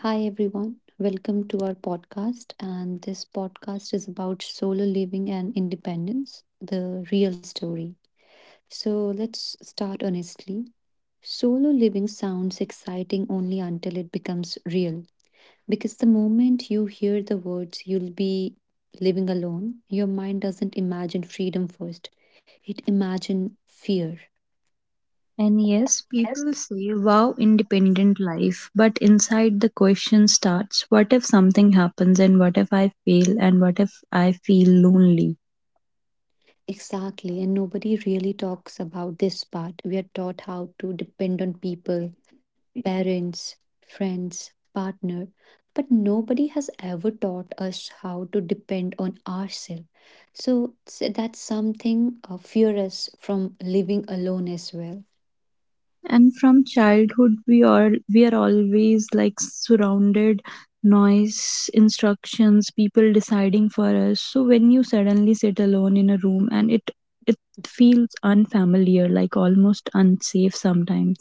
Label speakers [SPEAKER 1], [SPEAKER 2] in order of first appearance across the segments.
[SPEAKER 1] Hi, everyone. Welcome to our podcast. And this podcast is about solo living and independence, the real story. So let's start honestly. Solo living sounds exciting only until it becomes real. Because the moment you hear the words, you'll be living alone, your mind doesn't imagine freedom first, it imagines fear.
[SPEAKER 2] And yes,
[SPEAKER 1] Yes.
[SPEAKER 2] people say, "Wow, independent life." But inside the question starts, what if something happens, and what if I fail, and what if I feel lonely?
[SPEAKER 1] Exactly, and nobody really talks about this part. We are taught how to depend on people, parents, friends, partner, but nobody has ever taught us how to depend on ourselves. So, that's something fear us from living alone as well.
[SPEAKER 2] And from childhood, we are always like surrounded noise, instructions, people deciding for us. So when you suddenly sit alone in a room and it feels unfamiliar, like almost unsafe sometimes.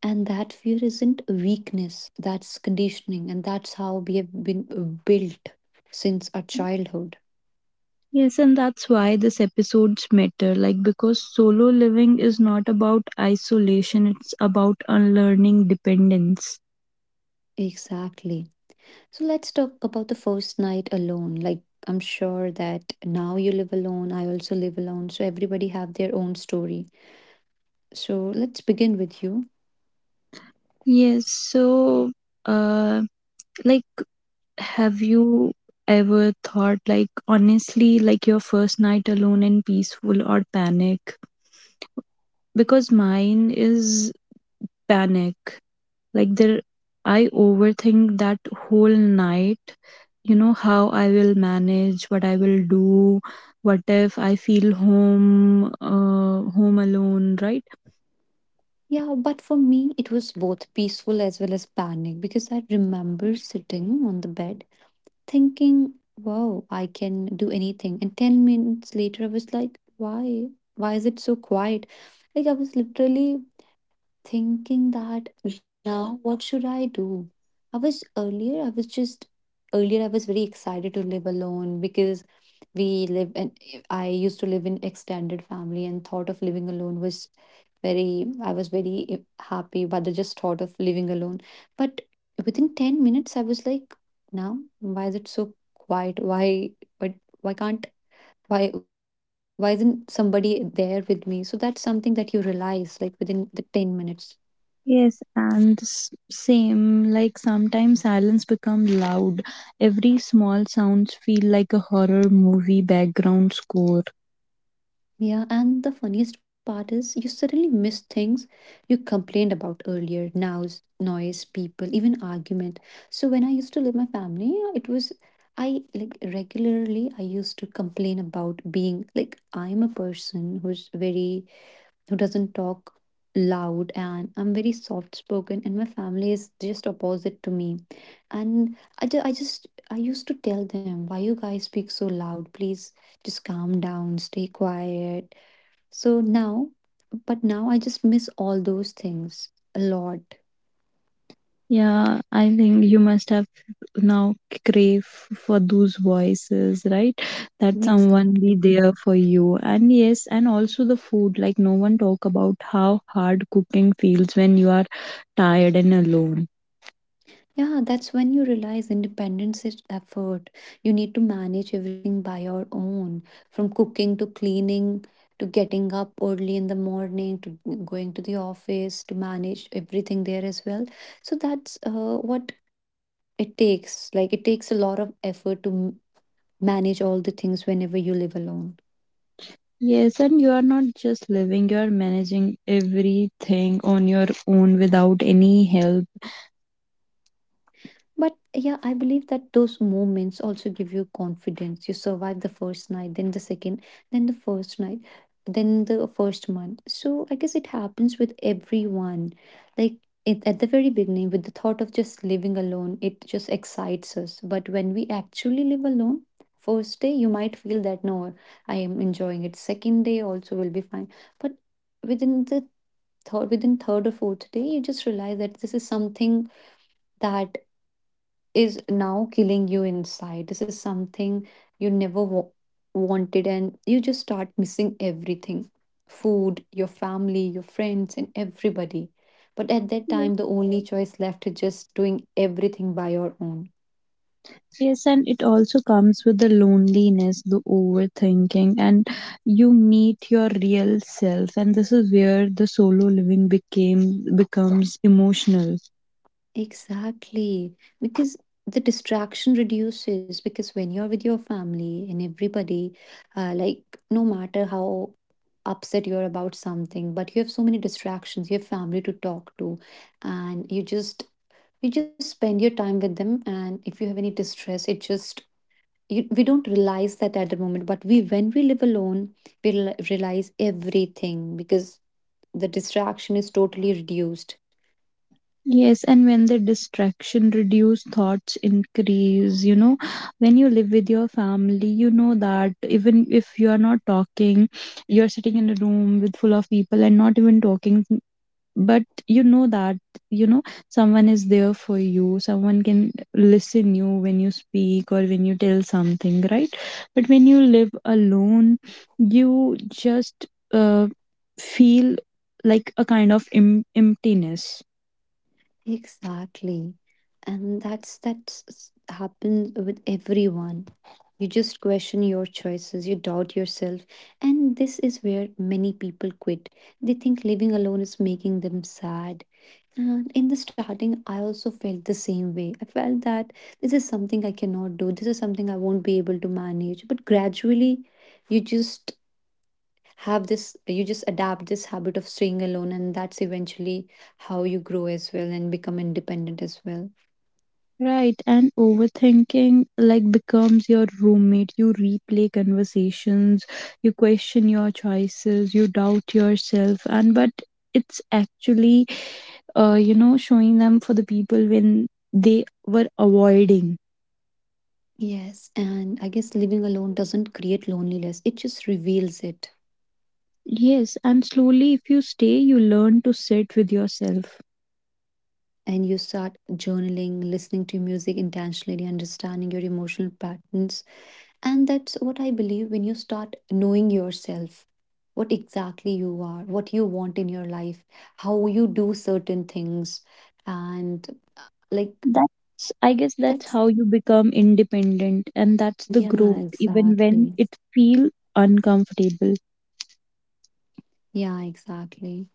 [SPEAKER 1] And that fear isn't weakness, that's conditioning, and that's how we have been built since our childhood.
[SPEAKER 2] Yes, and that's why this episodes matter. Like, because solo living is not about isolation, it's about unlearning dependence.
[SPEAKER 1] Exactly. So let's talk about the first night alone. Like, I'm sure that now you live alone, I also live alone, so everybody have their own story. So let's begin with you.
[SPEAKER 2] Yes, so, uh, like, have you ever thought, like, honestly, like your first night alone and peaceful or panic? Because mine is panic. Like there, I overthink that whole night. You know, how I will manage, what I will do, what if I feel home, home alone, right?
[SPEAKER 1] Yeah, but for me it was both peaceful as well as panic because I remember sitting on the bed thinking, "Wow, I can do anything." And 10 minutes later I was like, "Why? Why is it so quiet?" Like, I was literally thinking that now what should I do? I was just earlier, I was very excited to live alone because we live in, I used to live in extended family and thought of living alone was very, I was very happy by the just thought of living alone. But within 10 minutes, I was like, now, why is it so quiet? But why can't, why isn't somebody there with me? So that's something that you realize, like, within the 10 minutes.
[SPEAKER 2] Yes, and same, like sometimes silence become loud. Every small sounds feel like a horror movie background score.
[SPEAKER 1] Yeah, and the funniest part is you suddenly miss things you complained about earlier, noise, people, even argument. So when I used to live my family, it was, I like regularly I used to complain about being like I'm a person who's very, who doesn't talk loud, and I'm very soft spoken, and my family is just opposite to me. And I just I used to tell them, why you guys speak so loud? Please just calm down, stay quiet. So now, but now I just miss all those things a lot.
[SPEAKER 2] Yeah, I think you must have now crave for those voices, right? That someone be
[SPEAKER 1] Exactly.
[SPEAKER 2] there for you, and yes, and also the food, like no one talk about how hard cooking feels when you are tired and alone.
[SPEAKER 1] Yeah, that's when you realize independence is effort. You need to manage everything by your own, from cooking to cleaning to getting up early in the morning to going to the office to manage everything there as well. So that's what it takes. Like, it takes a lot of effort to manage all the things whenever you live alone.
[SPEAKER 2] Yes, and you are not just living, you are managing everything on your own without any help.
[SPEAKER 1] But yeah, I believe that those moments also give you confidence. You survive the first night, then the second, then the first night, then the first month. So I guess it happens with everyone. Like, it, at the very beginning, with the thought of just living alone, it just excites us. But when we actually live alone, first day you might feel that no, I am enjoying it. Second day also will be fine. But within the third, within third or fourth day, you just realize that this is something that is now killing you inside. This is something you never wanted, and you just start missing everything, food, your family, your friends, and everybody. But at that time, the only choice left is just doing everything by your own.
[SPEAKER 2] Yes, and it also comes with the loneliness, the overthinking, and you meet your real self, and this is where the solo living became becomes emotional.
[SPEAKER 1] Exactly. Because the distraction reduces, because when you're with your family and everybody, like, no matter how upset you're about something, but you have so many distractions, you have family to talk to, and you just spend your time with them, and if you have any distress it just, we don't realize that at the moment, but we, when we live alone, we realize everything, because the distraction is totally reduced.
[SPEAKER 2] Yes, and when the distraction reduce, thoughts increase. You know, when you live with your family, you know that even if you are not talking, you're sitting in a room with full of people and not even talking, but you know that, you know, someone is there for you, someone can listen you when you speak or when you tell something, right? But when you live alone, you just uh, feel like a kind of emptiness.
[SPEAKER 1] Exactly, and that's s- happens with everyone. You just question your choices, you doubt yourself, and this is where many people quit. They think living alone is making them sad. And in the starting, I also felt the same way. I felt that this is something I cannot do. This is something I won't be able to manage. But gradually, you just have this, you just adapt this habit of staying alone. And that's eventually how you grow as well and become independent as well.
[SPEAKER 2] Right, and overthinking like becomes your roommate. You replay conversations, you question your choices, you doubt yourself, and but it's actually, you know, showing them for the people when they were avoiding.
[SPEAKER 1] Yes. And I guess living alone doesn't create loneliness, it just reveals it.
[SPEAKER 2] Yes, and slowly, if you stay, you learn to sit with yourself.
[SPEAKER 1] And you start journaling, listening to music intentionally, understanding your emotional patterns. And that's what I believe, when you start knowing yourself, what exactly you are, what you want in your life, how you do certain things. And like,
[SPEAKER 2] That's, I guess, that's
[SPEAKER 1] that's,
[SPEAKER 2] how you become independent, and that's the
[SPEAKER 1] yeah,
[SPEAKER 2] growth, even when
[SPEAKER 1] exactly.
[SPEAKER 2] it feel uncomfortable.
[SPEAKER 1] Yeah, exactly.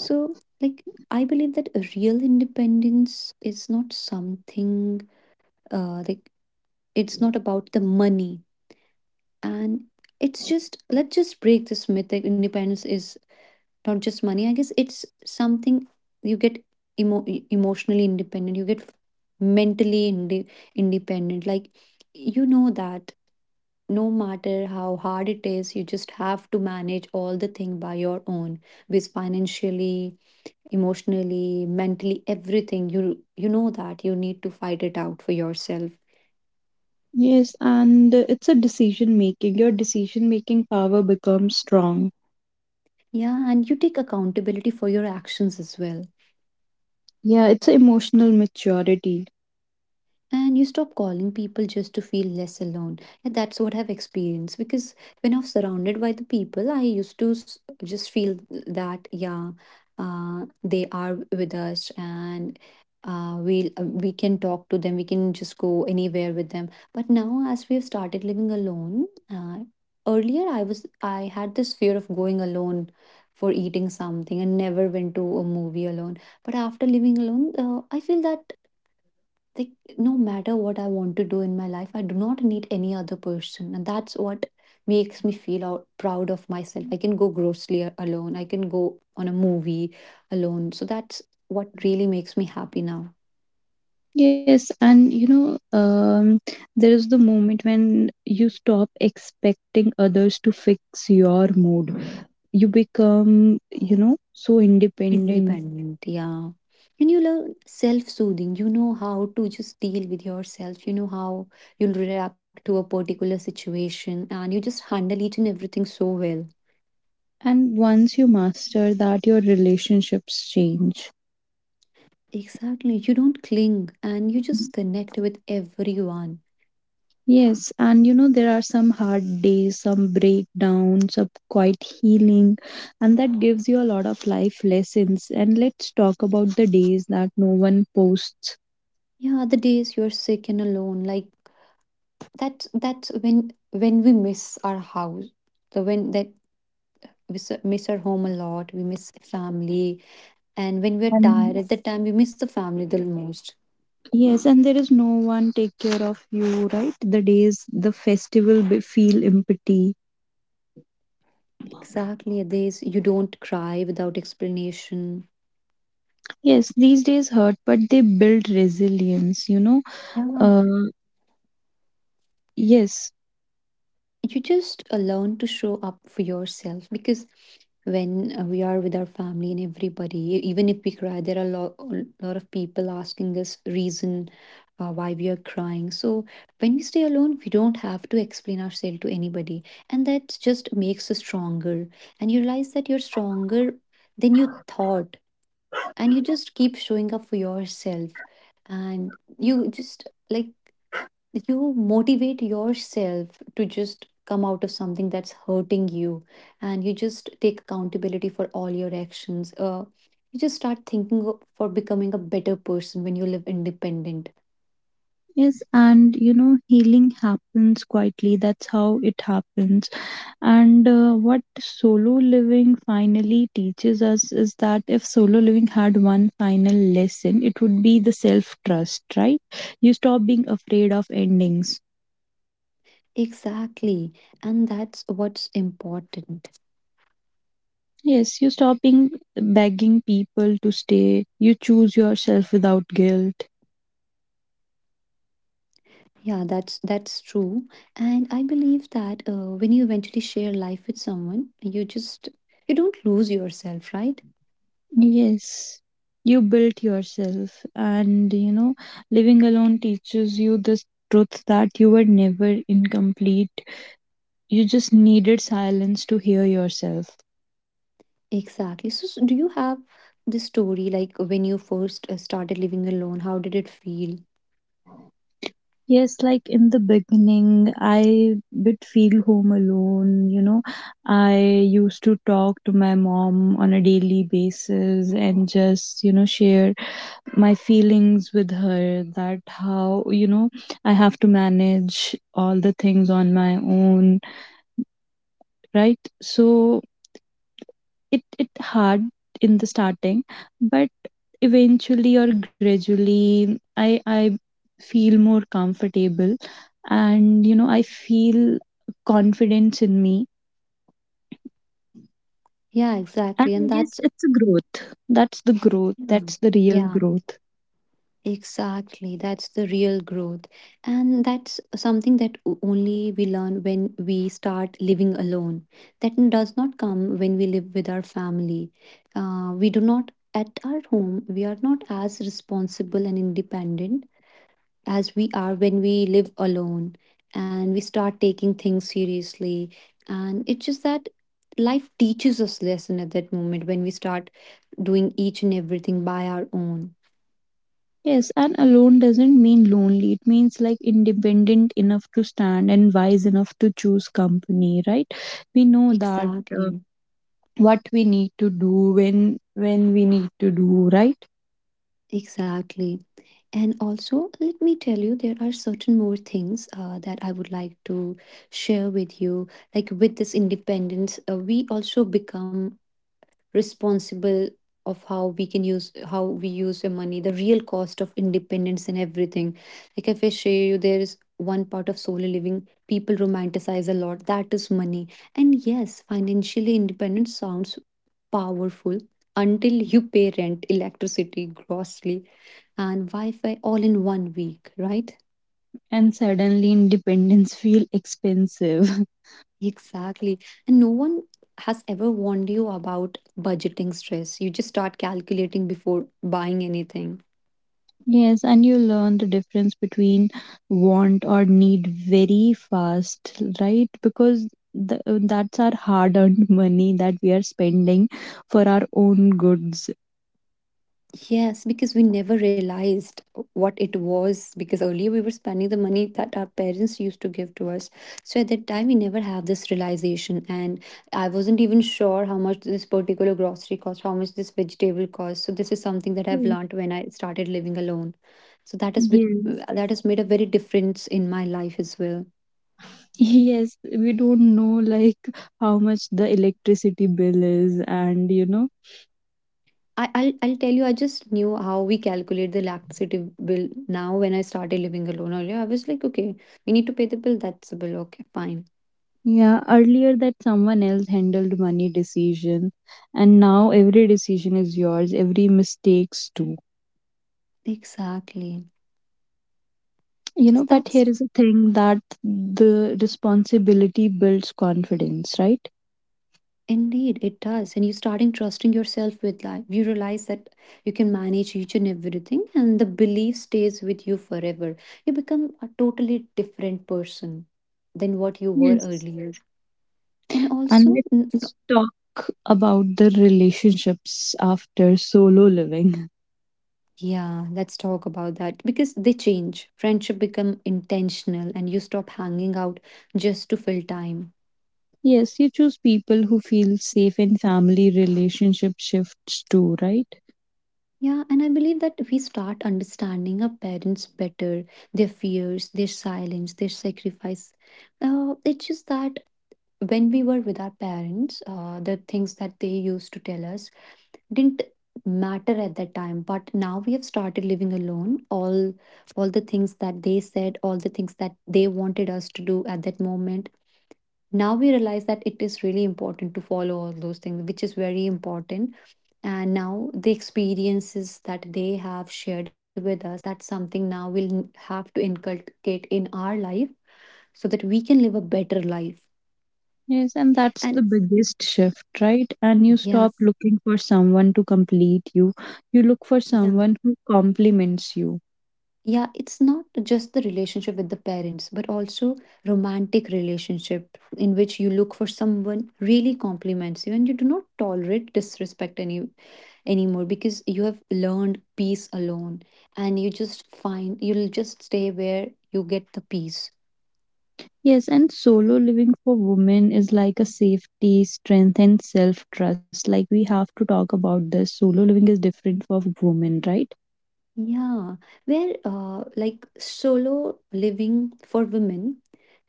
[SPEAKER 1] So, like, I believe that a real independence is not something, like, it's not about the money. And it's just, let's just break this myth that independence is not just money, I guess it's something you get emotionally independent, you get mentally inde- independent, like, you know that no matter how hard it is, you just have to manage all the thing by your own, because financially, emotionally, mentally, everything, you know that you need to fight it out for yourself.
[SPEAKER 2] Yes, and it's a decision making. Your decision making power becomes strong.
[SPEAKER 1] Yeah, and you take accountability for your actions as well.
[SPEAKER 2] Yeah, it's emotional maturity.
[SPEAKER 1] And you stop calling people just to feel less alone. And that's what I've experienced, because when I'm surrounded by the people, I used to just feel that, yeah, they are with us, and we can talk to them, we can just go anywhere with them. But now, as we have started living alone, earlier I had this fear of going alone for eating something, and never went to a movie alone. But after living alone, I feel that, like, no matter what I want to do in my life, I do not need any other person. And that's what makes me feel out, proud of myself. I can go grocery alone, I can go on a movie alone. So that's what really makes me happy now.
[SPEAKER 2] Yes, and you know, there is the moment when you stop expecting others to fix your mood. You become, you know, so independent.
[SPEAKER 1] Independent, yeah. And you learn self-soothing, you know how to just deal with yourself, you know how you'll react to a particular situation, and you just handle each and everything so well.
[SPEAKER 2] And once you master that, your relationships change.
[SPEAKER 1] Exactly. You don't cling, and you just connect with everyone.
[SPEAKER 2] Yes, and you know, there are some hard days, some breakdowns, some quiet healing, and that gives you a lot of life lessons. And let's talk about the days that no one posts.
[SPEAKER 1] Yeah, the days you're sick and alone, like, that's when we miss our house, the, when that we miss our home a lot, we miss family, and when we're tired
[SPEAKER 2] And
[SPEAKER 1] at that time, we miss the family the most.
[SPEAKER 2] yes, and there is no one take care of you, right? The days the festival feel empty.
[SPEAKER 1] Exactly, days you don't cry without explanation.
[SPEAKER 2] Yes, these days hurt, but they build resilience, you know.
[SPEAKER 1] Yeah,
[SPEAKER 2] Uh, yes.
[SPEAKER 1] you just learn to show up for yourself, because when, we are with our family and everybody, even if we cry there are a lot of people asking us reason why we are crying. So when we stay alone, we don't have to explain ourselves to anybody, and that just makes us stronger. And you realize that you're stronger than you thought, and you just keep showing up for yourself, and you just, like, you motivate yourself to just come out of something that's hurting you, and you just take accountability for all your actions, you just start thinking for becoming a better person when you live independent.
[SPEAKER 2] Yes, and you know, healing happens quietly. That's how it happens. And what solo living finally teaches us is that if solo living had one final lesson, it would be the self trust, right? You stop being afraid of endings.
[SPEAKER 1] Exactly, and that's what's important.
[SPEAKER 2] Yes, you stop being begging people to stay. You choose yourself without guilt.
[SPEAKER 1] Yeah, that's true. And I believe that, when you eventually share life with someone, you just, you don't lose yourself, right?
[SPEAKER 2] Yes, you built yourself. And you know, living alone teaches you this truth that you were never incomplete. You just needed silence to hear yourself.
[SPEAKER 1] Exactly. So, so do you have this story, like, when you first started living alone? How did it feel?
[SPEAKER 2] Yes, like in the beginning, I would feel home alone. You know, I used to talk to my mom on a daily basis and just, you know, share my feelings with her that how, you know, I have to manage all the things on my own, right? So, it hard in the starting, but eventually or gradually, I feel more comfortable, and you know, I feel confidence in me.
[SPEAKER 1] Yeah,
[SPEAKER 2] And I
[SPEAKER 1] exactly. And
[SPEAKER 2] guess
[SPEAKER 1] that's,
[SPEAKER 2] it's a growth.
[SPEAKER 1] yeah.
[SPEAKER 2] That's the real
[SPEAKER 1] Yeah.
[SPEAKER 2] growth.
[SPEAKER 1] Exactly, that's the real growth. And that's something that only we learn when we start living alone. That does not come when we live with our family. We do not, at our home, we are not as responsible and independent as we are when we live alone, and we start taking things seriously. And it's just that life teaches us lesson at that moment when we start doing each and everything by our own.
[SPEAKER 2] Yes, and alone doesn't mean lonely. It means like independent enough to stand and wise enough to choose company, right? We know that, uh,
[SPEAKER 1] Exactly.
[SPEAKER 2] what we need to do, when we need to do, right?
[SPEAKER 1] Exactly. And also, let me tell you, there are certain more things that I would like to share with you. Like with this independence, we also become responsible of how we use your money, the real cost of independence and everything. Like, if I share you, there is one part of solo living people romanticize a lot, that is money. And yes, financially independent sounds powerful until you pay rent, electricity, grocery, and wi-fi all in 1 week, right?
[SPEAKER 2] And suddenly independence feel expensive.
[SPEAKER 1] Exactly. And no one has ever warned you about budgeting stress. You just start calculating before buying anything.
[SPEAKER 2] Yes, and you learn the difference between want or need very fast, right? Because that's our hard earned money that we are spending for our own goods.
[SPEAKER 1] Yes, because we never realized what it was, because earlier we were spending the money that our parents used to give to us. So at that time we never have this realization, and I wasn't even sure how much this particular grocery cost, how much this vegetable cost. So this is something that I've
[SPEAKER 2] Yes.
[SPEAKER 1] learned when I started living alone. So that
[SPEAKER 2] Yes.
[SPEAKER 1] that has made a very difference in my life as well.
[SPEAKER 2] Yes, we don't know like how much the electricity bill is, and you know,
[SPEAKER 1] I'll tell you, I just knew how we calculate the electricity bill now when I started living alone earlier. I was like, okay, we need to pay the bill. That's the bill. Okay, fine.
[SPEAKER 2] yeah, earlier that someone else handled money decision, and now every decision is yours, every mistakes too.
[SPEAKER 1] Exactly.
[SPEAKER 2] You
[SPEAKER 1] So
[SPEAKER 2] know, but here
[SPEAKER 1] that's
[SPEAKER 2] is the thing that the responsibility builds confidence, right?
[SPEAKER 1] indeed, it does. And you're starting trusting yourself with life. You realize that you can manage each and everything, and the belief stays with you forever. You become a totally different person than what you were
[SPEAKER 2] Yes.
[SPEAKER 1] earlier. And
[SPEAKER 2] And
[SPEAKER 1] also,
[SPEAKER 2] let's talk about the relationships after solo living.
[SPEAKER 1] yeah, let's talk about that because they change. Friendship become intentional and you stop hanging out just to fill time.
[SPEAKER 2] Yes, you choose people who feel safe, and family relationship shifts too, right?
[SPEAKER 1] Yeah, and I believe that we start understanding our parents better, their fears, their silence, their sacrifice. It's just that when we were with our parents, the things that they used to tell us didn't matter at that time. But now we have started living alone. All the things that they said, all the things that they wanted us to do at that moment, now we realize that it is really important to follow all those things, which is very important. And now the experiences that they have shared with us, that's something now we'll have to inculcate in our life so that we can live a better life.
[SPEAKER 2] Yes, and that's the
[SPEAKER 1] And
[SPEAKER 2] biggest shift, right? And you
[SPEAKER 1] yeah.
[SPEAKER 2] stop looking for someone to complete you. You look for
[SPEAKER 1] Yeah,
[SPEAKER 2] someone who complements you.
[SPEAKER 1] yeah, it's not just the relationship with the parents but also romantic relationship in which you look for someone really compliments you, and you do not tolerate disrespect anymore because you have learned peace alone, and you'll just stay where you get the peace.
[SPEAKER 2] Yes, and solo living for women is like a safety, strength, and self trust. Like, we have to talk about this. Solo living is different for women, right?
[SPEAKER 1] Yeah, where like solo living for women,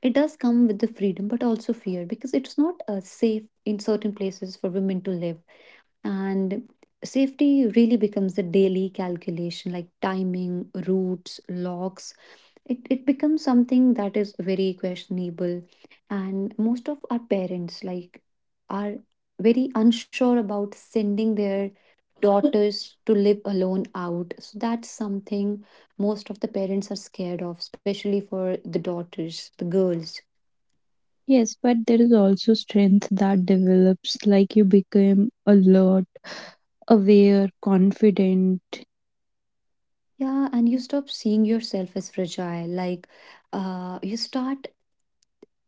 [SPEAKER 1] it does come with the freedom but also fear because it's not safe in certain places for women to live. And safety really becomes a daily calculation, like timing, routes, locks. It becomes something that is very questionable. And most of our parents, like, are very unsure about sending their daughters to live alone out, so that's something most of the parents are scared of, especially for the daughters, the girls.
[SPEAKER 2] Yes, but there is also strength that develops, like, you become alert, aware, confident.
[SPEAKER 1] Yeah, and you stop seeing yourself as fragile. Like, you start,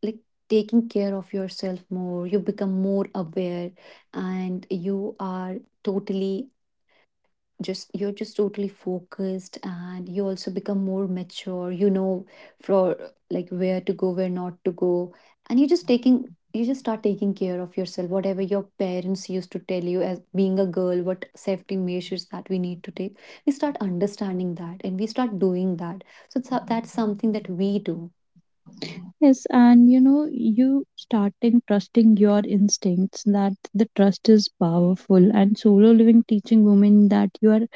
[SPEAKER 1] like, taking care of yourself more. You become more aware, and you are totally, just you're just totally focused, and you also become more mature, you know, for, like, where to go, where not to go. And you just start taking care of yourself, whatever your parents used to tell you as being a girl, what safety measures that we need to take. We start understanding that and we start doing that. So that's something that we do.
[SPEAKER 2] Yes, and you know, you starting trusting your instincts, that the trust is powerful, and solo living teaching women that you are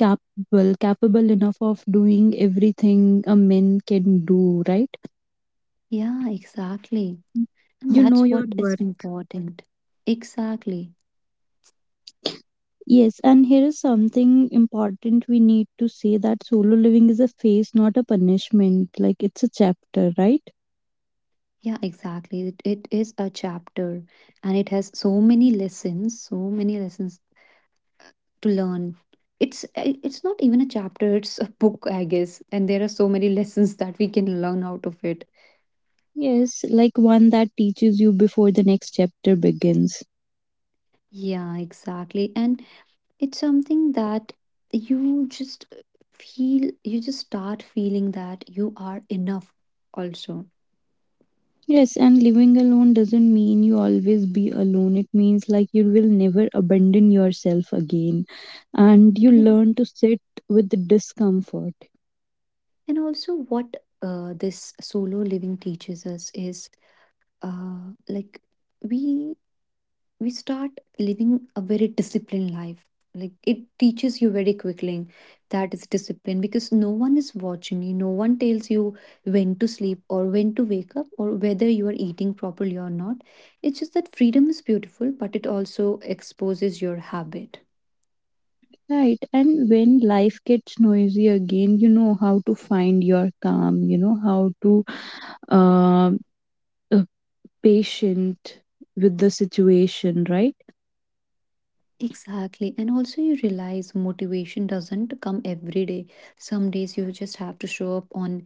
[SPEAKER 2] capable enough of doing everything a man can do, right?
[SPEAKER 1] Yeah, exactly. And
[SPEAKER 2] You know
[SPEAKER 1] that's
[SPEAKER 2] your
[SPEAKER 1] what is
[SPEAKER 2] worth.
[SPEAKER 1] important. Exactly.
[SPEAKER 2] Yes, and here is something important we need to say, that solo living is a phase, not a punishment. Like, it's a chapter, right?
[SPEAKER 1] Yeah, exactly. It is a chapter, and it has so many lessons to learn. It's not even a chapter, it's a book, I guess. And there are so many lessons that we can learn out of it.
[SPEAKER 2] Yes, like one that teaches you before the next chapter begins.
[SPEAKER 1] Yeah, exactly. And it's something that you just eh, feel, you just start feeling that you are enough also.
[SPEAKER 2] Yes, and living alone doesn't mean you always be alone. It means like you will never abandon yourself again, and you
[SPEAKER 1] Yes.
[SPEAKER 2] learn to sit with the discomfort.
[SPEAKER 1] And also what this solo living teaches us is, uh, like we we start living a very disciplined life. Like, it teaches you very quickly that is discipline, because no one is watching you, no one tells you when to sleep or when to wake up or whether you are eating properly or not. It's just that freedom is beautiful, but it also exposes your habit.
[SPEAKER 2] Right. And when life gets noisy again, you know how to find your calm. You know how to, um, uh, patient with the situation, right?
[SPEAKER 1] Exactly. And also, you realize motivation doesn't come every day. Some days you just have to show up on,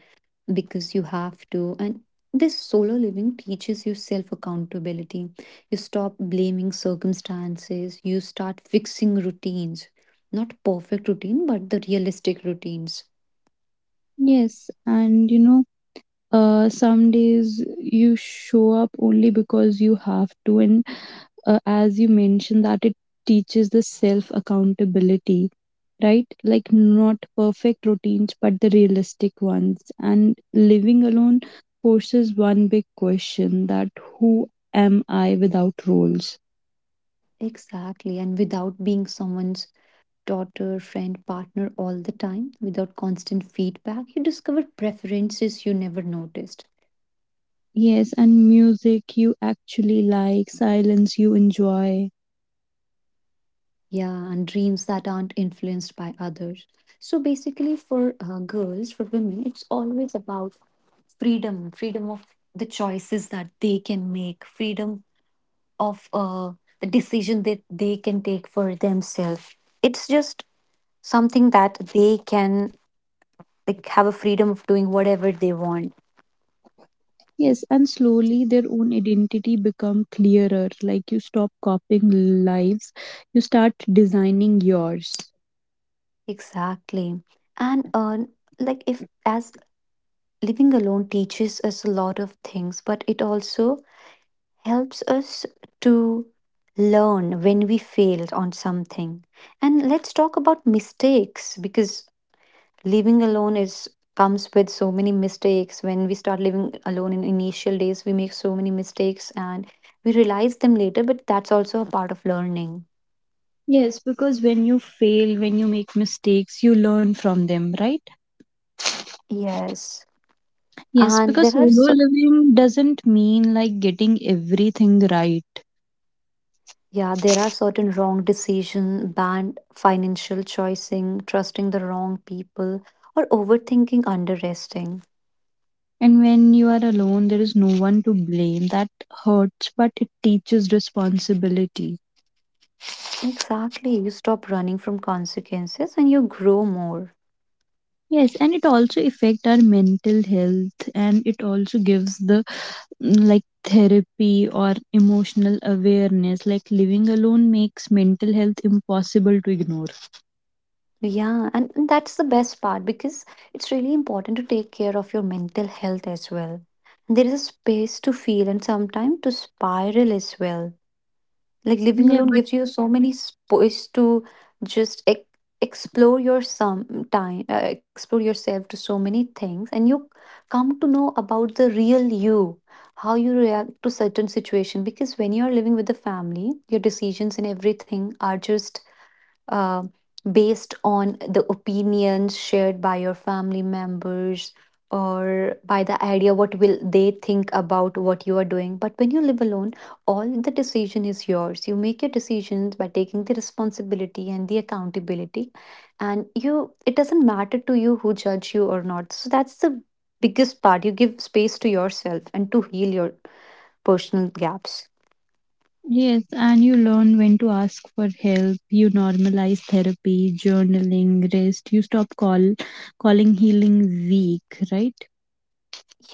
[SPEAKER 1] because you have to. And this solo living teaches you self accountability. You stop blaming circumstances, you start fixing routines. Not perfect routine, but the realistic routines.
[SPEAKER 2] Yes. And, you know, some days you show up only because you have to, and as you mentioned, that it teaches the self accountability, right? Like, not perfect routines, but the realistic ones. And living alone forces one big question, that who am I without roles?
[SPEAKER 1] Exactly. And without being someone's daughter, friend, partner all the time, without constant feedback, you discover preferences you never noticed.
[SPEAKER 2] Yes, and music you actually like, silence you enjoy.
[SPEAKER 1] Yeah, and dreams that aren't influenced by others. So basically, for girls, for women, it's always about freedom of the choices that they can make, freedom of the decision that they can take for themselves. It's just something that they can, like, have a freedom of doing whatever they want.
[SPEAKER 2] Yes, and slowly their own identity become clearer. Like, you stop copying lives, you start designing yours.
[SPEAKER 1] Exactly. And like if as living alone teaches us a lot of things, but it also helps us to learn when we failed on something. And let's talk about mistakes, because living alone is comes with so many mistakes. When we start living alone, in initial days we make so many mistakes, and we realize them later, but that's also a part of learning.
[SPEAKER 2] Yes, because when you fail, when you make mistakes, you learn from them, right?
[SPEAKER 1] Yes,
[SPEAKER 2] Yes,
[SPEAKER 1] and there
[SPEAKER 2] because
[SPEAKER 1] are
[SPEAKER 2] solo
[SPEAKER 1] so.
[SPEAKER 2] living doesn't mean like getting everything right.
[SPEAKER 1] Yeah, there are certain wrong decision, bad financial choicing, trusting the wrong people, or overthinking, under resting.
[SPEAKER 2] And when you are alone, there is no one to blame. That hurts, but it teaches responsibility.
[SPEAKER 1] Exactly. You stop running from consequences and you grow more.
[SPEAKER 2] Yes, and it also affect our mental health, and it also gives the like therapy or emotional awareness. Like, living alone makes mental health impossible to ignore.
[SPEAKER 1] Yeah, and that's the best part, because it's really important to take care of your mental health as well. And there is a space to feel and sometimes to spiral as well. Like, living
[SPEAKER 2] Yeah,
[SPEAKER 1] alone
[SPEAKER 2] but
[SPEAKER 1] gives you so many space to just ex explore explore yourself to so many things, and you come to know about the real you, how you react to certain situation. Because when you are living with the family, your decisions and everything are just um, based on the opinions shared by your family members, or by the idea what will they think about what you are doing. But when you live alone, all the decision is yours. You make your decisions by taking the responsibility and the accountability, and you it doesn't matter to you who judge you or not. So that's the biggest part, you give space to yourself and to heal your personal gaps.
[SPEAKER 2] yes, and you learn when to ask for help. You normalize therapy, journaling, rest. You stop calling healing weak, right?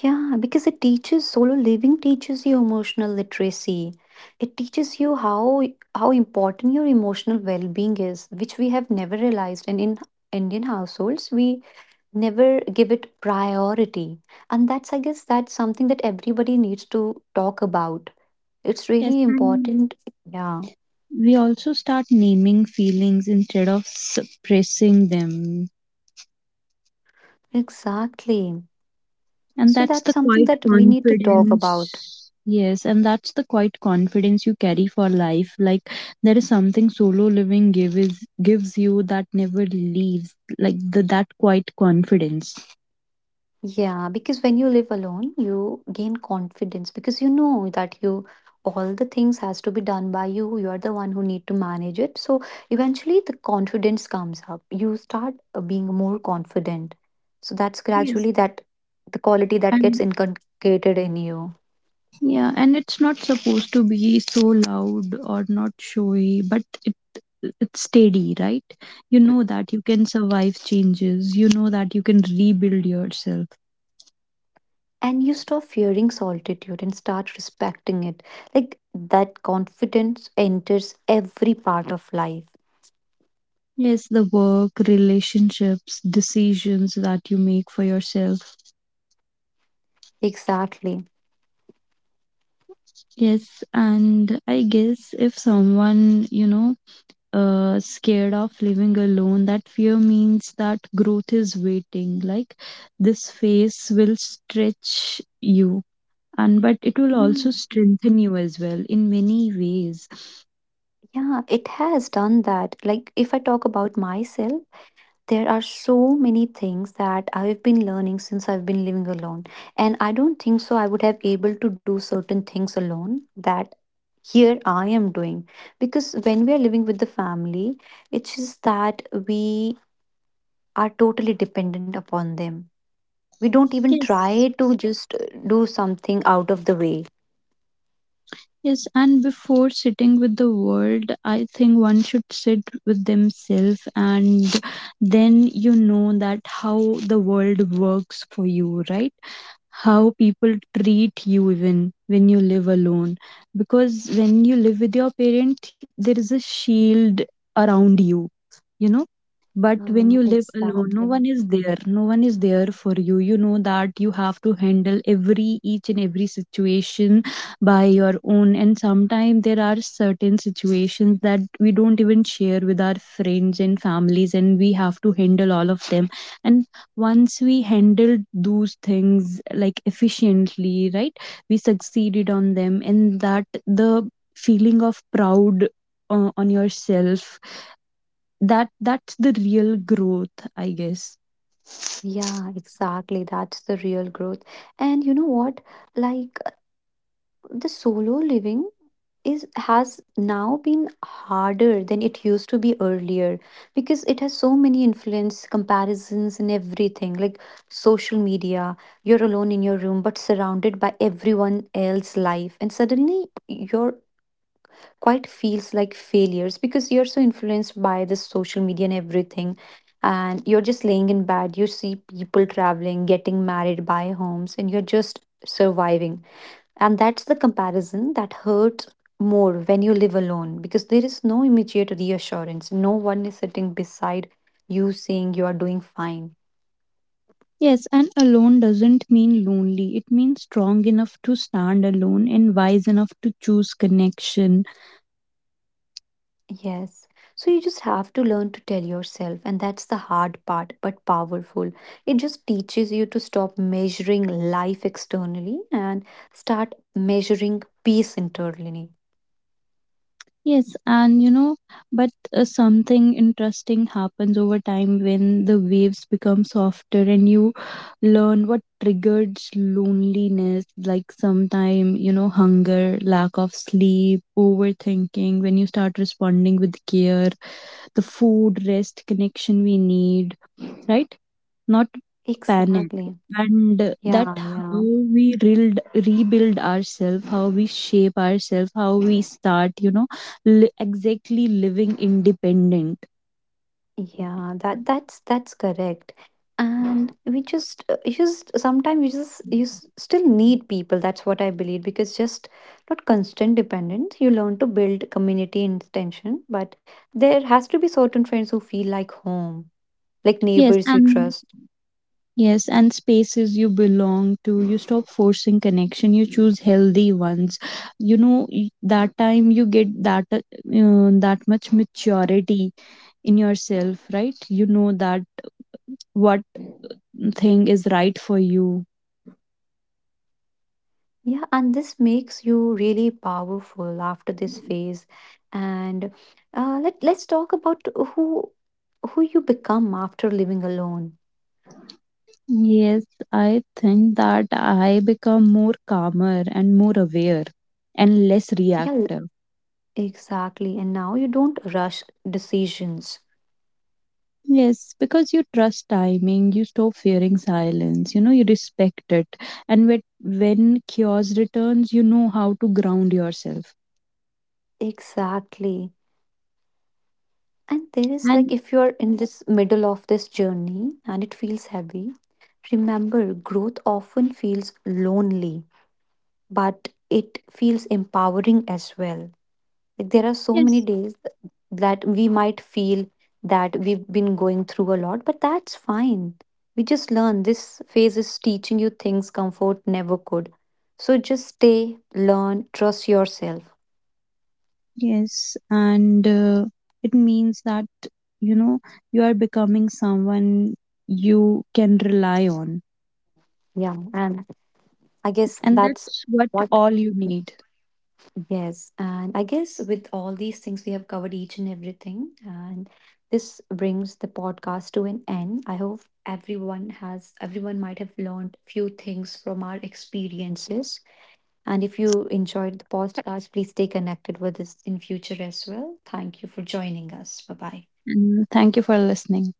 [SPEAKER 1] Yeah, because it teaches solo living teaches you emotional literacy. It teaches you how important your emotional well-being is, which we have never realized. And in Indian households, we never give it priority. And that's, I guess, that's something that everybody needs to talk about. It's really
[SPEAKER 2] Yes, and
[SPEAKER 1] important. Yeah,
[SPEAKER 2] we also start naming feelings instead of suppressing them.
[SPEAKER 1] exactly.
[SPEAKER 2] And
[SPEAKER 1] So that's
[SPEAKER 2] that's the
[SPEAKER 1] something
[SPEAKER 2] quiet
[SPEAKER 1] that we need to talk about.
[SPEAKER 2] confidence. Yes, and that's the quiet confidence you carry for life. Like, there is something solo living gives you that never leaves. Like the, that quiet confidence.
[SPEAKER 1] Yeah, because when you live alone, you gain confidence, because you know that you all the things has to be done by you. You are the one who need to manage it. So eventually the confidence comes up. You start being more confident. So that's gradually
[SPEAKER 2] Yes.
[SPEAKER 1] that the quality that gets
[SPEAKER 2] And
[SPEAKER 1] inculcated in you.
[SPEAKER 2] yeah, and it's not supposed to be so loud or not showy, but it's steady, right? You know that you can survive changes. You know that you can rebuild yourself.
[SPEAKER 1] And you stop fearing solitude and start respecting it. Like, that confidence enters every part of life.
[SPEAKER 2] Yes, the work, relationships, decisions that you make for yourself.
[SPEAKER 1] Exactly.
[SPEAKER 2] Yes, and I guess if someone, you know, scared of living alone, that fear means that growth is waiting. Like, this phase will stretch you, and but it will also strengthen you as well in many ways.
[SPEAKER 1] Yeah, it has done that. Like, if I talk about myself, there are so many things that I've been learning since I've been living alone. And I don't think so I would have able to do certain things alone that here I am doing. Because when we are living with the family, it's just that we are totally dependent upon them. We don't even
[SPEAKER 2] Yes,
[SPEAKER 1] try to just do something out of the way.
[SPEAKER 2] Yes, and before sitting with the world, I think one should sit with themselves, and then you know that how the world works for you, right? How people treat you, even when you live alone. Because when you live with your parent, there is a shield around you, you know. But when you live alone, no one
[SPEAKER 1] Exactly.
[SPEAKER 2] is there, no one is there for you. You know that you have to handle every each and every situation by your own. And sometimes there are certain situations that we don't even share with our friends and families, and we have to handle all of them. And once we handled those things like efficiently, right, we succeeded on them, and that the feeling of proud, on yourself, that that's the real growth, I guess.
[SPEAKER 1] Yeah, exactly. That's the real growth. And you know what? Like, the solo living is has now been harder than it used to be earlier, because it has so many influence, comparisons and everything, like social media. You're alone in your room but surrounded by everyone else's life, and suddenly you're quite feels like failures, because you're so influenced by the social media and everything. And you're just laying in bed, you see people traveling, getting married, buy homes, and you're just surviving. And that's the comparison that hurts more when you live alone, because there is no immediate reassurance. No one is sitting beside you saying you are doing fine.
[SPEAKER 2] Yes, and alone doesn't mean lonely. It means strong enough to stand alone and wise enough to choose connection.
[SPEAKER 1] Yes. So you just have to learn to tell yourself, and that's the hard part, but powerful. It just teaches you to stop measuring life externally and start measuring peace internally.
[SPEAKER 2] Yes, and you know, but something interesting happens over time when the waves become softer, and you learn what triggers loneliness, like sometime, you know, hunger, lack of sleep, overthinking. When you start responding with care, the food, rest, connection we need, right? Not panic.
[SPEAKER 1] Exactly.
[SPEAKER 2] And that
[SPEAKER 1] Yeah,
[SPEAKER 2] how
[SPEAKER 1] yeah.
[SPEAKER 2] we rebuild ourselves, how we shape ourselves, how we start, you know, exactly living independent.
[SPEAKER 1] Yeah, that's correct. And we just sometimes you just you s- still need people. That's what I believe, because just not constant dependence. You learn to build community and tension, but there has to be certain friends who feel like home, like
[SPEAKER 2] yes
[SPEAKER 1] neighbors you
[SPEAKER 2] and
[SPEAKER 1] trust.
[SPEAKER 2] yes, and spaces you belong to, you stop forcing connection, you choose healthy ones. You know, that time you get that, that much maturity in yourself, right? You know that what thing is right for you.
[SPEAKER 1] Yeah, and this makes you really powerful after this phase. And let's talk about who who you become after living alone.
[SPEAKER 2] Yes, I think that I become more calmer and more aware and less
[SPEAKER 1] Yeah,
[SPEAKER 2] reactive.
[SPEAKER 1] exactly. And now you don't rush decisions.
[SPEAKER 2] Yes, because you trust timing, you stop fearing silence, you know, you respect it. And when chaos returns, you know how to ground yourself.
[SPEAKER 1] Exactly. And there is, like,
[SPEAKER 2] And
[SPEAKER 1] if you're in this middle of this journey and it feels heavy, remember growth often feels lonely, but it feels empowering as well. Like, there are so many
[SPEAKER 2] yes,
[SPEAKER 1] days that we might feel that we've been going through a lot, but that's fine. We just learn. This phase is teaching you things comfort never could. So just stay, learn, trust yourself.
[SPEAKER 2] yes, and it means that, you know, you are becoming someone you can rely on.
[SPEAKER 1] Yeah. And I guess
[SPEAKER 2] And that's what
[SPEAKER 1] what,
[SPEAKER 2] all you need.
[SPEAKER 1] yes. And I guess with all these things, we have covered each and everything. And this brings the podcast to an end. I hope everyone might have learned few things from our experiences. And if you enjoyed the podcast, please stay connected with us in future as well. Thank you for joining us. Bye bye.
[SPEAKER 2] And thank you for listening.